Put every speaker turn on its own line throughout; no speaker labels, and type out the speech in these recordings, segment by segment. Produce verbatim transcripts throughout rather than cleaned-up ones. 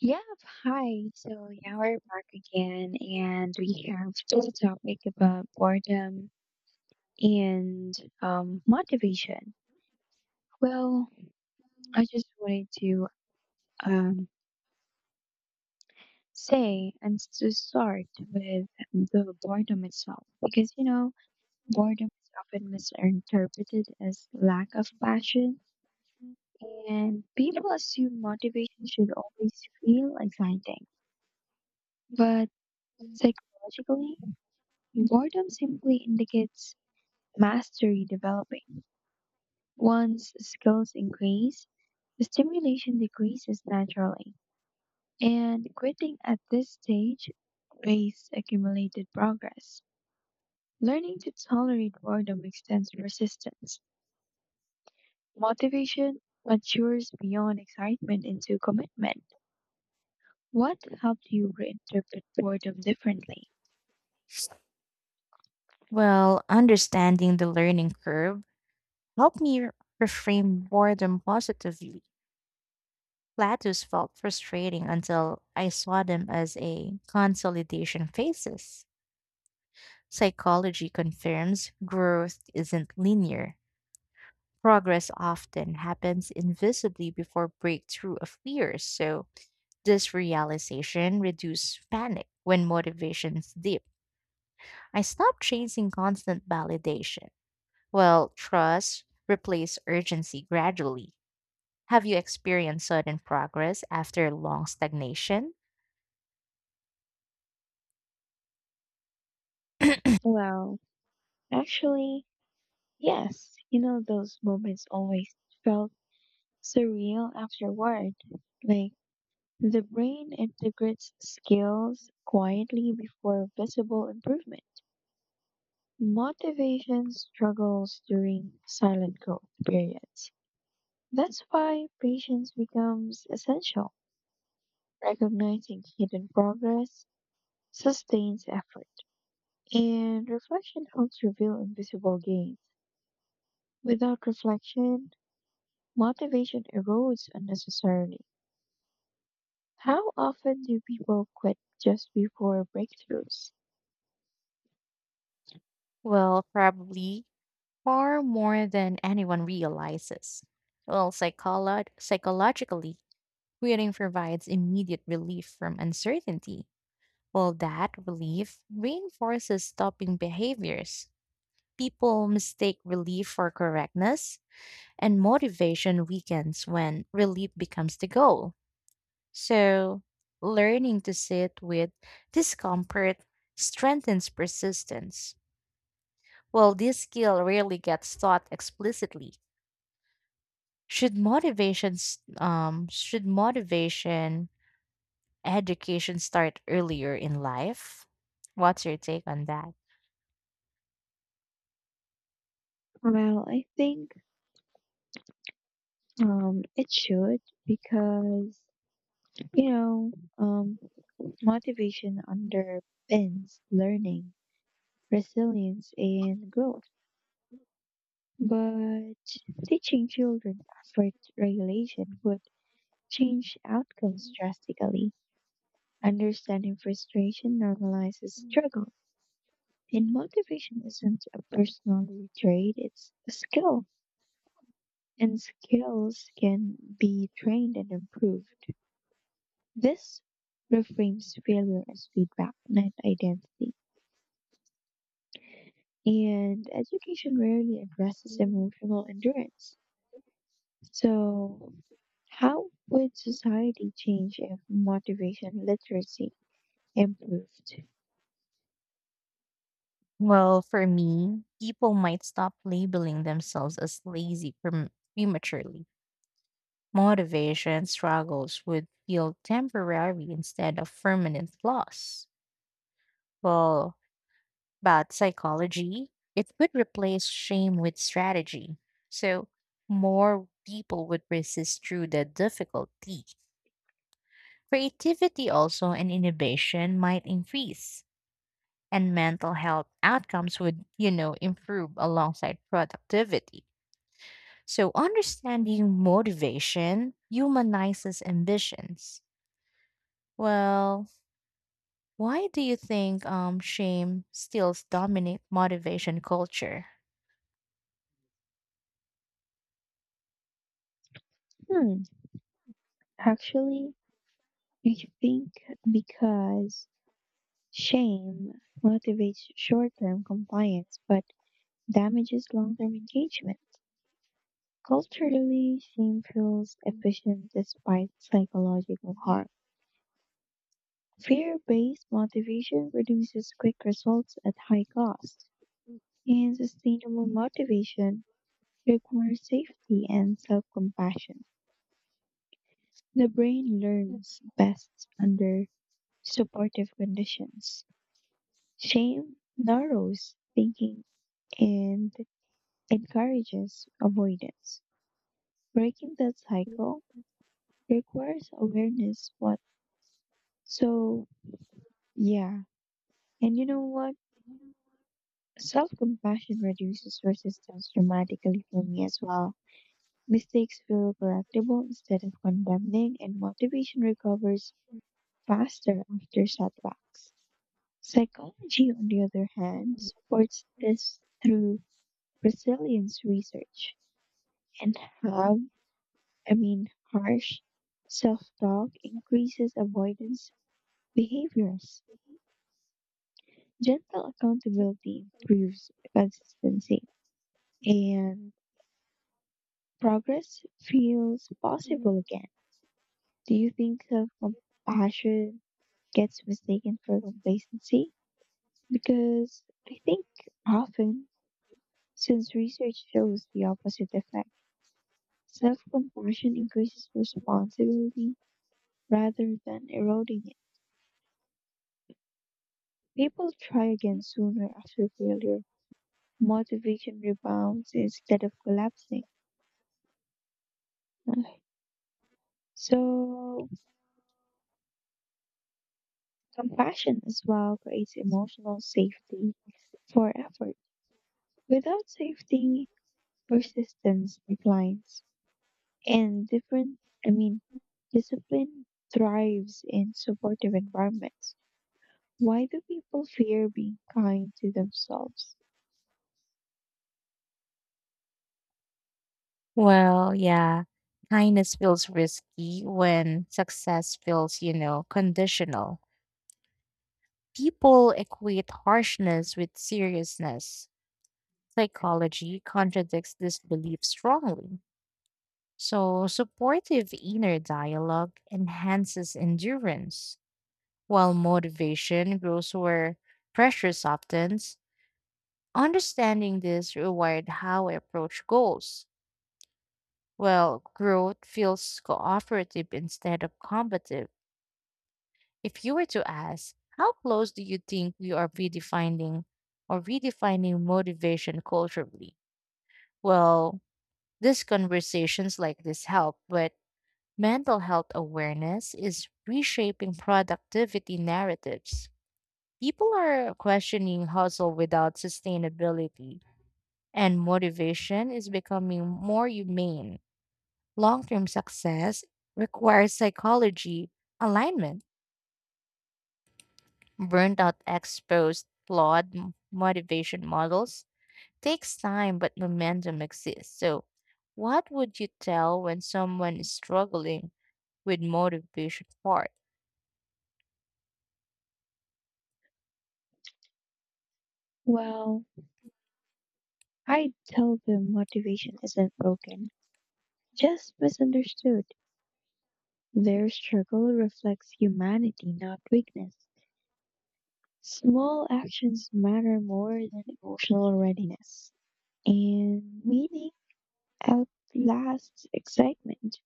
Yeah, hi. So, yeah, we're back again, and we have this topic about boredom and um, motivation. Well, I just wanted to um, say and s- to start with the boredom itself, because you know, boredom is often misinterpreted as lack of passion, and people assume motivation should always feel exciting, but psychologically, boredom simply indicates mastery developing. Once skills increase, the stimulation decreases naturally, and quitting at this stage wastes accumulated progress. Learning to tolerate boredom extends resistance. Motivation matures beyond excitement into commitment. What helped you reinterpret boredom differently?
Well, understanding the learning curve helped me r- reframe boredom positively. Plateaus felt frustrating until I saw them as a consolidation phases. Psychology confirms growth isn't linear. Progress often happens invisibly before breakthrough of fears. So, this realization reduced panic when motivations dip. I stopped chasing constant validation. Well, trust replace urgency gradually. Have you experienced sudden progress after long stagnation?
Well, actually, yes. You know, those moments always felt surreal afterward. Like, the brain integrates skills quietly before visible improvement. Motivation struggles during silent growth periods. That's why patience becomes essential. Recognizing hidden progress sustains effort, and reflection helps reveal invisible gains. Without reflection, motivation erodes unnecessarily. How often do people quit just before breakthroughs?
Well, probably far more than anyone realizes. Well, psycholo- psychologically, quitting provides immediate relief from uncertainty. Well, that relief reinforces stopping behaviors. People mistake relief for correctness, and motivation weakens when relief becomes the goal. So, learning to sit with discomfort strengthens persistence. Well, this skill rarely gets taught explicitly. Should motivations, um, should motivation education start earlier in life? What's your take on that?
Well, I think Um, it should because you know, um, motivation underpins learning, resilience, and growth. But teaching children effort regulation would change outcomes drastically. Understanding frustration normalizes struggle. And motivation isn't a personality trait, it's a skill. And skills can be trained and improved. This reframes failure as feedback, not identity. And education rarely addresses emotional endurance. So, how would society change if motivation literacy improved?
Well, for me, people might stop labeling themselves as lazy prem- prematurely. Motivation struggles would feel temporary instead of permanent loss. Well, about psychology, it would replace shame with strategy. So more people would resist through the difficulty. Creativity also and innovation might increase, and mental health outcomes would, you know, improve alongside productivity. So understanding motivation humanizes ambitions. Well, why do you think um, shame still dominate motivation culture?
Hmm, actually, I think because shame motivates short term compliance but damages long term engagement. Culturally, shame feels efficient despite psychological harm. Fear-based motivation produces quick results at high cost, and sustainable motivation requires safety and self-compassion. The brain learns best under supportive conditions. Shame narrows thinking and encourages avoidance. Breaking that cycle requires awareness what so yeah. And you know what? Self compassion reduces resistance dramatically for me as well. Mistakes feel correctable instead of condemning, and motivation recovers faster after setbacks. Psychology, on the other hand, supports this through resilience research and how, I mean, harsh self talk increases avoidance behaviors. Gentle accountability improves consistency. And progress feels possible again. Do you think self compassion gets mistaken for complacency? Because I think often, since research shows the opposite effect, self compassion increases responsibility rather than eroding it. People try again sooner after failure. Motivation rebounds instead of collapsing. Okay. So, compassion as well creates emotional safety for effort. Without safety, persistence declines, and different, I mean, discipline thrives in supportive environments. Why do people fear being kind to themselves?
Well, yeah, kindness feels risky when success feels, you know, conditional. People equate harshness with seriousness. Psychology contradicts this belief strongly. So, supportive inner dialogue enhances endurance, while motivation grows where pressure softens. Understanding this rewired how I approach goals. Well, growth feels cooperative instead of combative. If you were to ask, how close do you think we are redefining or redefining motivation culturally? Well, these conversations like this help, but mental health awareness is reshaping productivity narratives. People are questioning hustle without sustainability, and motivation is becoming more humane. Long term success requires psychology alignment. Burnout exposed flawed m- motivation models. Takes time, but momentum exists. So, what would you tell when someone is struggling with motivation part?
Well, I tell them motivation isn't broken, just misunderstood. Their struggle reflects humanity, not weakness. Small actions matter more than emotional readiness, and meaning outlasts excitement.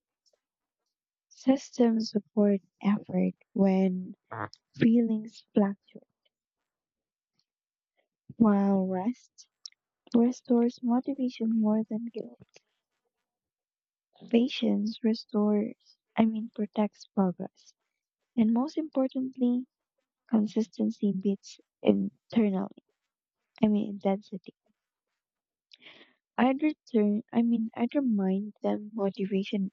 Systems support effort when feelings fluctuate, while rest restores motivation more than guilt. Patience restores, I mean, protects progress. And most importantly, consistency beats internal, I mean, intensity. I'd return, I mean, I'd remind them motivation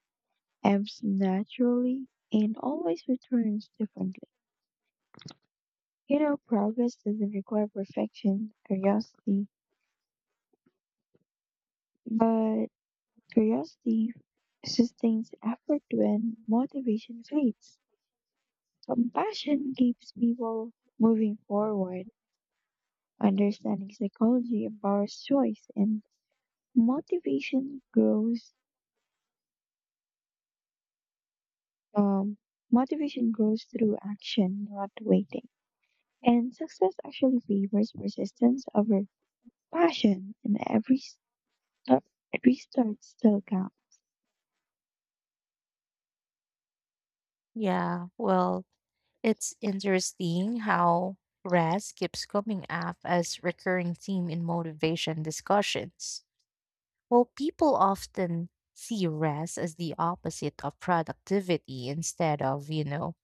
ebbs naturally and always returns differently. You know, progress doesn't require perfection, curiosity, but curiosity sustains effort when motivation fades. Compassion keeps people moving forward. Understanding psychology empowers choice, and motivation grows. Um, motivation grows through action, not waiting. And success actually favors persistence over passion, and every step, every start still counts.
Yeah, well, it's interesting how rest keeps coming up as recurring theme in motivation discussions. Well, people often see rest as the opposite of productivity instead of, you know,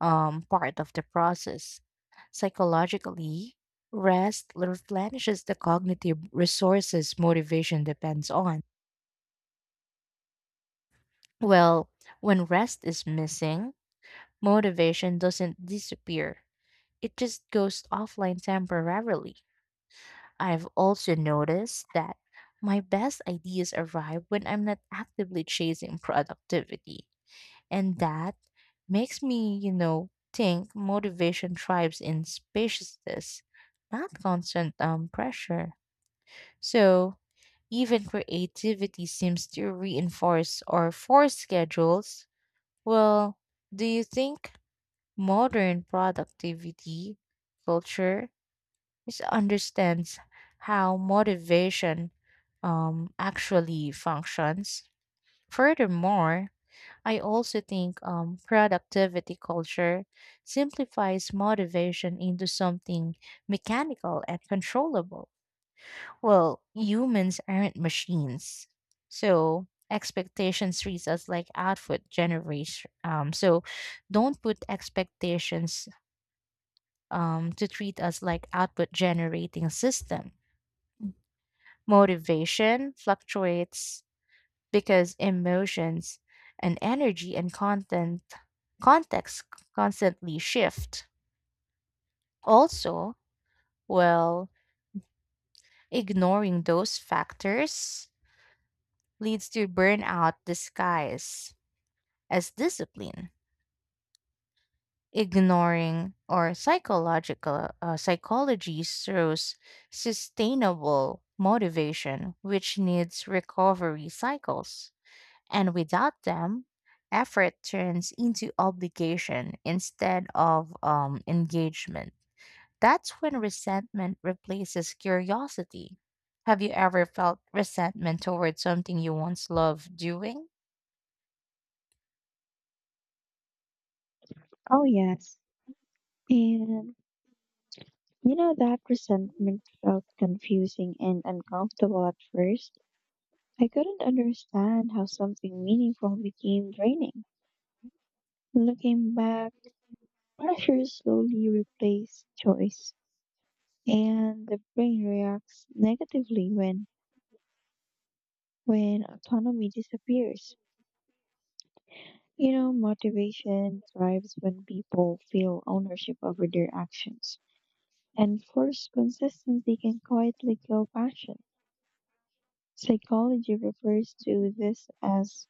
um, part of the process. Psychologically, rest replenishes the cognitive resources motivation depends on. Well, when rest is missing, motivation doesn't disappear, it just goes offline temporarily. I've also noticed that my best ideas arrive when I'm not actively chasing productivity. And that makes me, you know, think motivation thrives in spaciousness, not constant um, pressure. So even creativity seems to reinforce or force schedules. Well, do you think modern productivity culture misunderstands how motivation um, actually functions? Furthermore, I also think um, productivity culture simplifies motivation into something mechanical and controllable. Well, humans aren't machines. So expectations treats us like output generation. Um, so don't put expectations um, to treat us like output generating system. Motivation fluctuates because emotions and energy and content context constantly shift. Also, well, ignoring those factors leads to burnout disguise as discipline. Ignoring or psychological uh, psychology throws sustainable motivation, which needs recovery cycles. And without them, effort turns into obligation instead of um, engagement. That's when resentment replaces curiosity. Have you ever felt resentment towards something you once loved doing?
Oh yes, and you know, that resentment felt confusing and uncomfortable at first. I couldn't understand how something meaningful became draining. Looking back, pressure slowly replaced choice, and the brain reacts negatively when, when autonomy disappears. You know, motivation thrives when people feel ownership over their actions, and forced consistency can quietly kill passion. Psychology refers to this as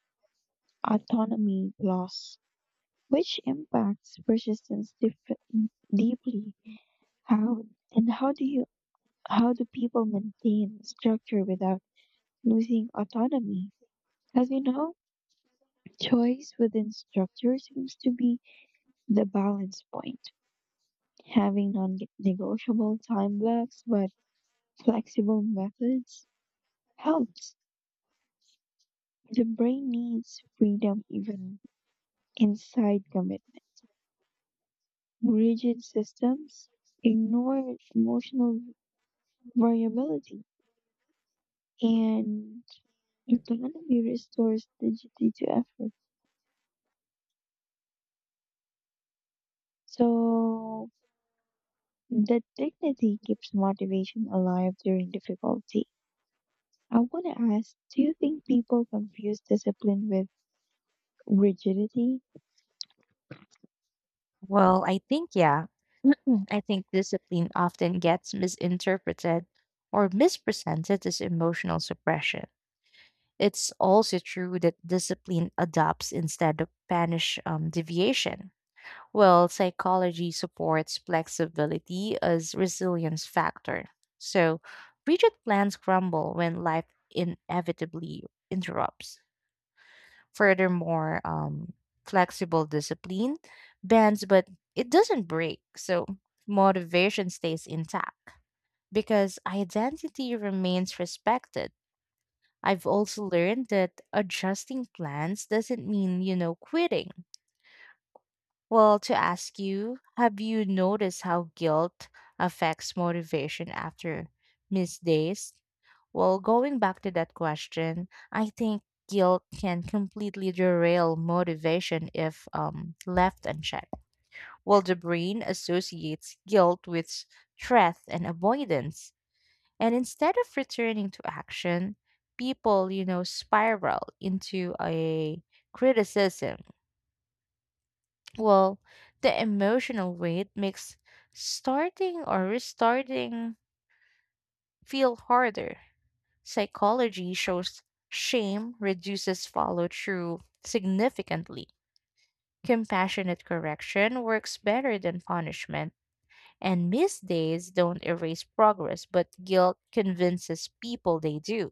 autonomy loss, which impacts persistence dif- deeply. How and how do you how do people maintain structure without losing autonomy? As we know, choice within structure seems to be the balance point. Having non-negotiable time blocks but flexible methods helps. The brain needs freedom even inside commitment. Rigid systems ignore emotional variability and autonomy restores dignity to effort. So that dignity keeps motivation alive during difficulty. I want to ask, do you think people confuse discipline with rigidity?
Well, I think, yeah. I think discipline often gets misinterpreted or mispresented as emotional suppression. It's also true that discipline adopts instead of punish um, deviation. Well, psychology supports flexibility as resilience factor. So, rigid plans crumble when life inevitably interrupts. Furthermore, um, flexible discipline bends, but it doesn't break. So, motivation stays intact because identity remains respected. I've also learned that adjusting plans doesn't mean, you know, quitting. Well, to ask you, have you noticed how guilt affects motivation after missed days? Well, going back to that question, I think guilt can completely derail motivation if um, left unchecked. Well, the brain associates guilt with stress and avoidance. And instead of returning to action, people, you know, spiral into a criticism. Well, the emotional weight makes starting or restarting feel harder. Psychology shows shame reduces follow through significantly. Compassionate correction works better than punishment, and missed days don't erase progress, but guilt convinces people they do.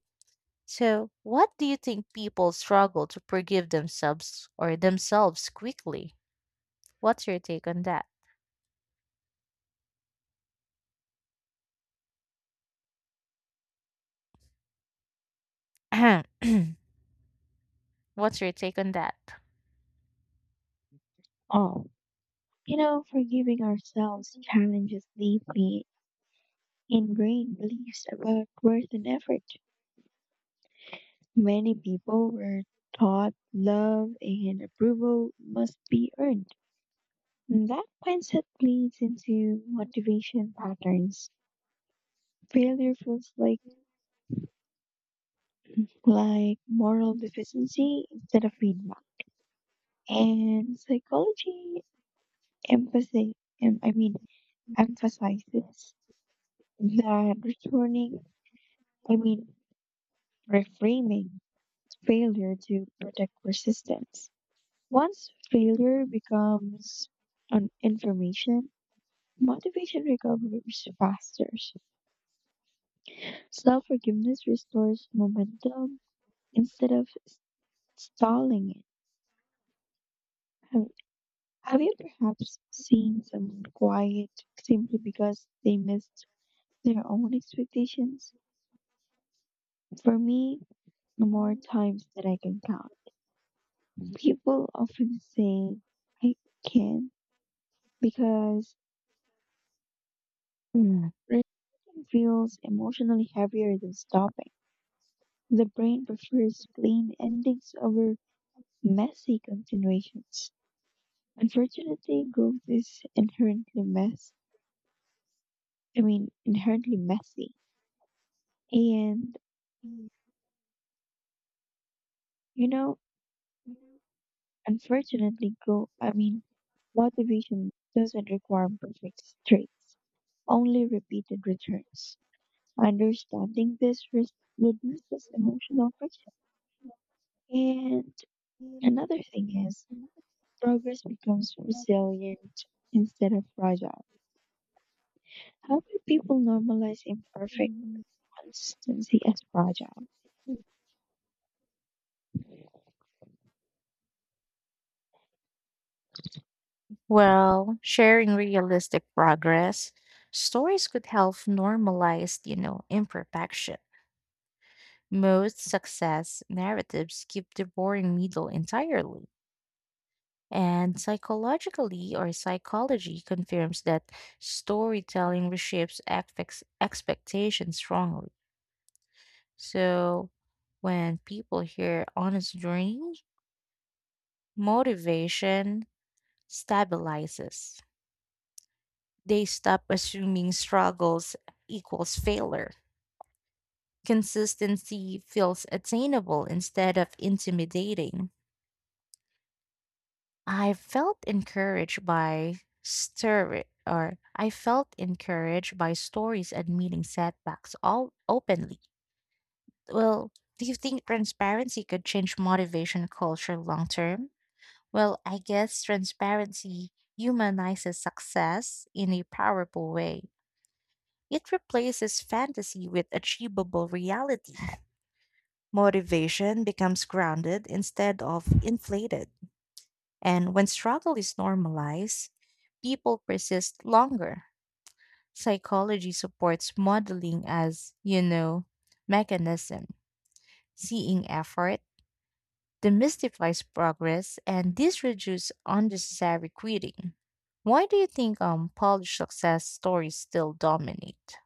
So, what do you think people struggle to forgive themselves or themselves quickly? What's your take on that? What's your take on that?
Oh, you know, forgiving ourselves challenges deeply ingrained beliefs about worth and effort. Many people were taught love and approval must be earned. And that mindset bleeds into motivation patterns. Failure feels like like moral deficiency instead of feedback. And psychology emphasis em- I mean emphasizes that returning I mean reframing failure to protect persistence. Once failure becomes an information, motivation recovers faster. Self forgiveness restores momentum instead of s- stalling it. Have, have you perhaps seen someone quiet simply because they missed their own expectations? For me, more times that I can count. People often say, I can, because
Mm.
resisting feels emotionally heavier than stopping. The brain prefers clean endings over messy continuations. Unfortunately, growth is inherently mess. I mean, inherently messy. And you know, unfortunately, grow. I mean, motivation doesn't require perfect traits, only repeated returns. Understanding this res- reduces emotional friction. And another thing is, progress becomes resilient instead of fragile. How do people normalize imperfect? Consistency is fragile.
Well, sharing realistic progress stories could help normalize, you know, imperfection. Most success narratives skip the boring middle entirely. And psychologically or psychology confirms that storytelling reshapes affects expectations strongly. So when people hear honest journey, motivation stabilizes. They stop assuming struggles equals failure. Consistency feels attainable instead of intimidating. I felt encouraged by stir or I felt encouraged by stories admitting setbacks all openly. Well, do you think transparency could change motivation culture long term? Well, I guess transparency humanizes success in a powerful way. It replaces fantasy with achievable reality. Motivation becomes grounded instead of inflated. And when struggle is normalized, people persist longer. Psychology supports modeling as, you know, mechanism. Seeing effort demystifies progress and this reduces unnecessary quitting. Why do you think um Polish success stories still dominate?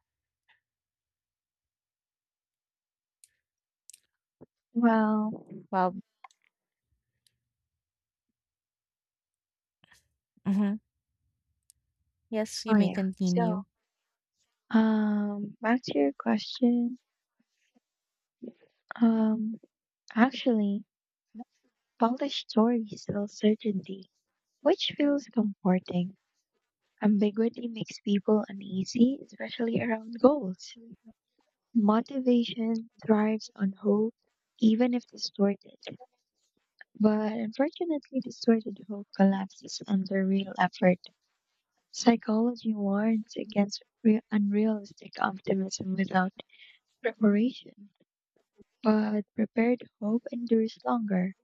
Well,
Well, mhm. Yes, you
oh
may
yeah. So,
continue.
um, back to your question. Um, actually, polished stories sell certainty, which feels comforting. Ambiguity makes people uneasy, especially around goals. Motivation thrives on hope, even if distorted. But unfortunately, distorted hope collapses under real effort. Psychology warns against re- unrealistic optimism without preparation, but prepared hope endures longer.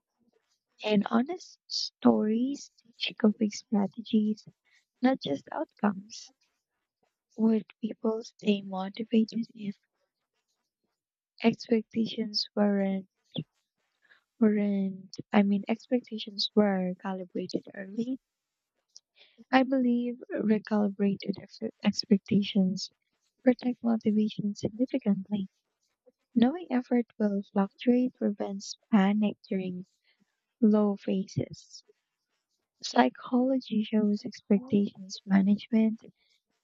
And honest stories teach coping strategies, not just outcomes. Would people stay motivated if expectations weren't, weren't, I mean, expectations were calibrated early? I believe recalibrated ex- expectations protect motivation significantly. Knowing effort will fluctuate prevents panic during low phases. Psychology shows expectations management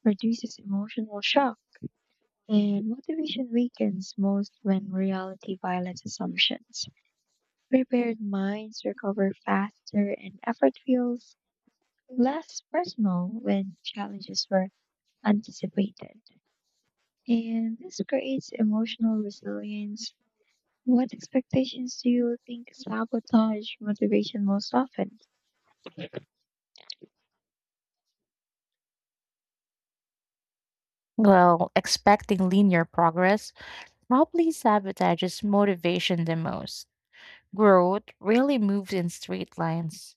reduces emotional shock, and motivation weakens most when reality violates assumptions. Prepared minds recover faster, and effort feels less personal when challenges were anticipated. And this creates emotional resilience. What expectations do you think sabotage motivation most often?
Well, expecting linear progress probably sabotages motivation the most. Growth really moves in straight lines.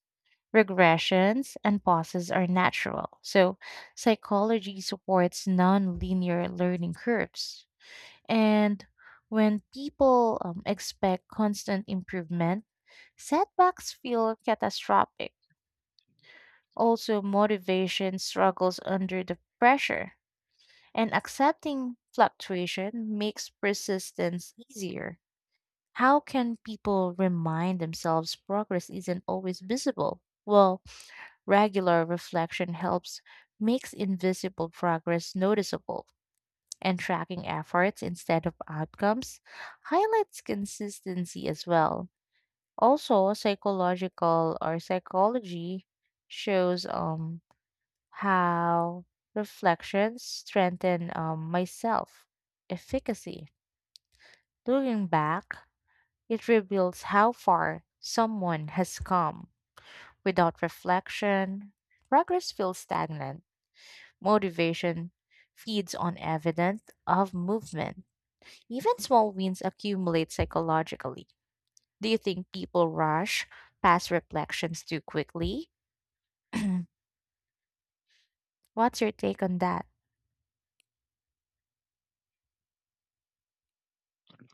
Regressions and pauses are natural. So, psychology supports non-linear learning curves. And when people um, expect constant improvement, setbacks feel catastrophic. Also, motivation struggles under the pressure, and accepting fluctuation makes persistence easier. How can people remind themselves progress isn't always visible? Well, regular reflection helps makes invisible progress noticeable, and tracking efforts instead of outcomes highlights consistency as well. Also, psychological or psychology shows um how reflections strengthen um, my self efficacy. Looking back, it reveals how far someone has come. Without reflection, progress feels stagnant. Motivation feeds on evidence of movement. Even small wins accumulate psychologically. Do you think people rush past reflections too quickly? What's your take on that?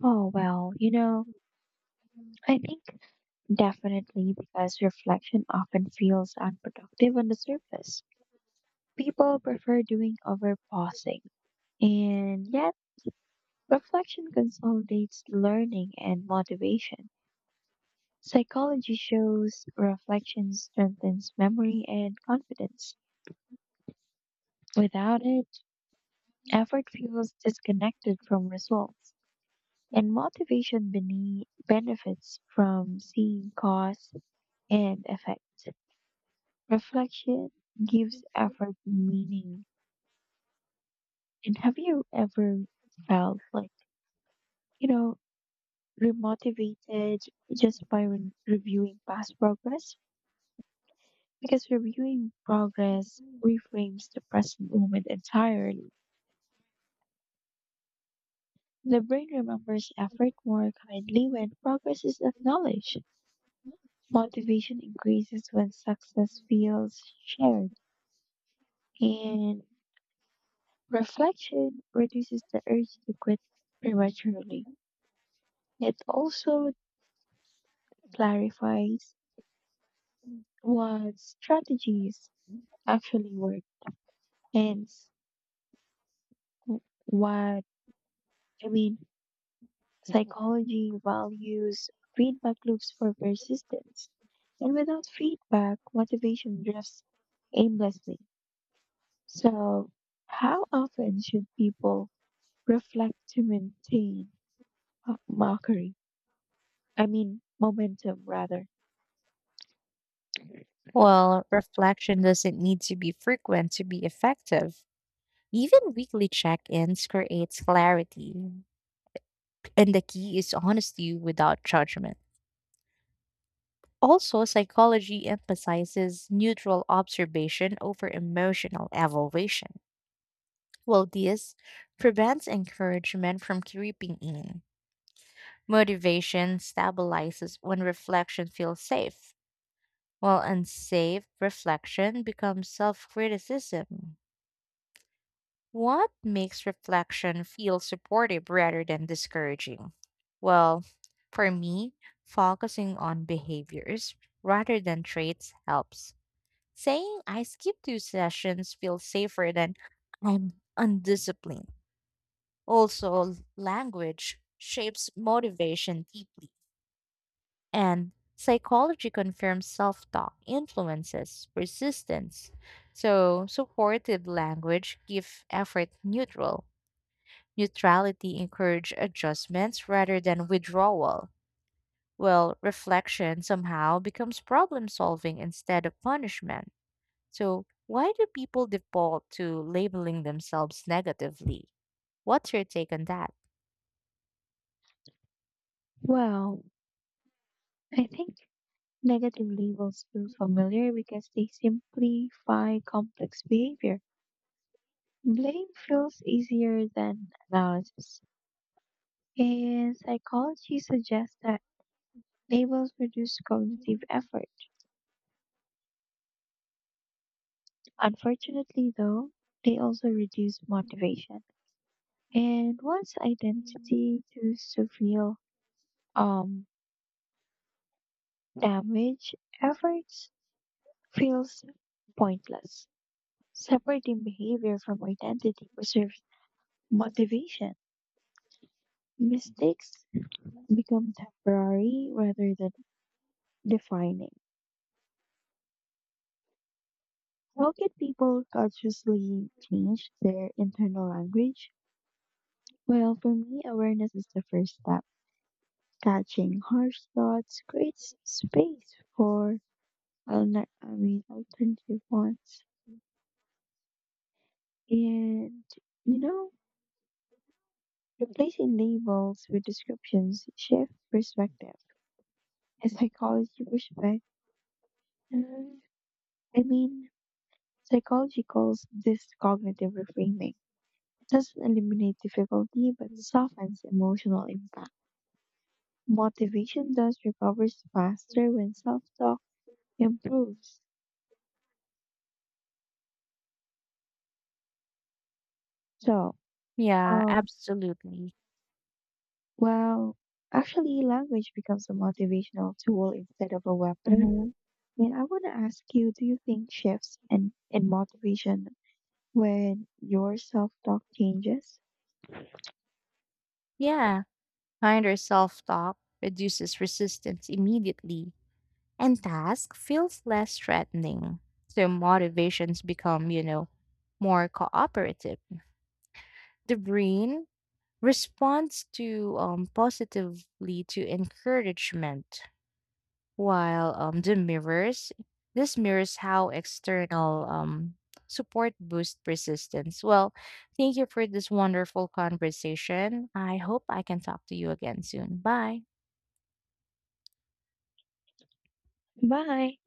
Oh, well, you know, I think definitely because reflection often feels unproductive on the surface. People prefer doing over pausing, and yet reflection consolidates learning and motivation. Psychology shows reflection strengthens memory and confidence. Without it, effort feels disconnected from results. And motivation bene- benefits from seeing cause and effect. Reflection gives effort meaning. And have you ever felt like, you know, remotivated just by re- reviewing past progress? Because reviewing progress reframes the present moment entirely. The brain remembers effort more kindly when progress is acknowledged. Motivation increases when success feels shared. And reflection reduces the urge to quit prematurely. It also clarifies what strategies actually work and s- what, I mean, psychology values feedback loops for persistence. And without feedback, motivation drifts aimlessly. So, how often should people reflect to maintain uh, mockery? I mean, momentum rather.
Well, reflection doesn't need to be frequent to be effective. Even weekly check ins creates clarity, and the key is honesty without judgment. Also, psychology emphasizes neutral observation over emotional evaluation. Well, this prevents encouragement from creeping in. Motivation stabilizes when reflection feels safe, while unsafe reflection becomes self criticism. What makes reflection feel supportive rather than discouraging? Well, for me, focusing on behaviors rather than traits helps. Saying I skipped two sessions feels safer than I'm undisciplined. Also, language shapes motivation deeply, and psychology confirms self talk influences persistence. So, supportive language gives effort neutral. Neutrality encouraged adjustments rather than withdrawal, while reflection somehow becomes problem solving instead of punishment. So, why do people default to labeling themselves negatively? What's your take on that?
Well, I think negative labels feel familiar because they simplify complex behavior. Blame feels easier than analysis. And psychology suggests that labels reduce cognitive effort. Unfortunately, though, they also reduce motivation. And once identity chooses to feel um, damage, efforts feels pointless. Separating behavior from identity preserves motivation. Mistakes become temporary rather than defining. How can people consciously change their internal language? Well, for me, awareness is the first step. Catching harsh thoughts creates space for alner- I mean, alternative ones. And, you know, replacing labels with descriptions shift perspective. A psychology perspective. I mean, Psychology calls this cognitive reframing. It doesn't eliminate difficulty but softens emotional impact. Motivation thus recovers faster when self talk improves. So,
Yeah,
um,
absolutely.
well, actually, language becomes a motivational tool instead of a weapon.
Hmm.
And I want to ask you do you think shifts in, in motivation when your self talk changes?
Yeah, kinder self talk reduces resistance immediately, and task feels less threatening. So motivations become, you know, more cooperative. The brain responds to um, positively to encouragement while um, the mirrors this mirrors how external um, support boosts persistence well. Thank you for this wonderful conversation. I hope I can talk to you again soon. Bye.
Bye.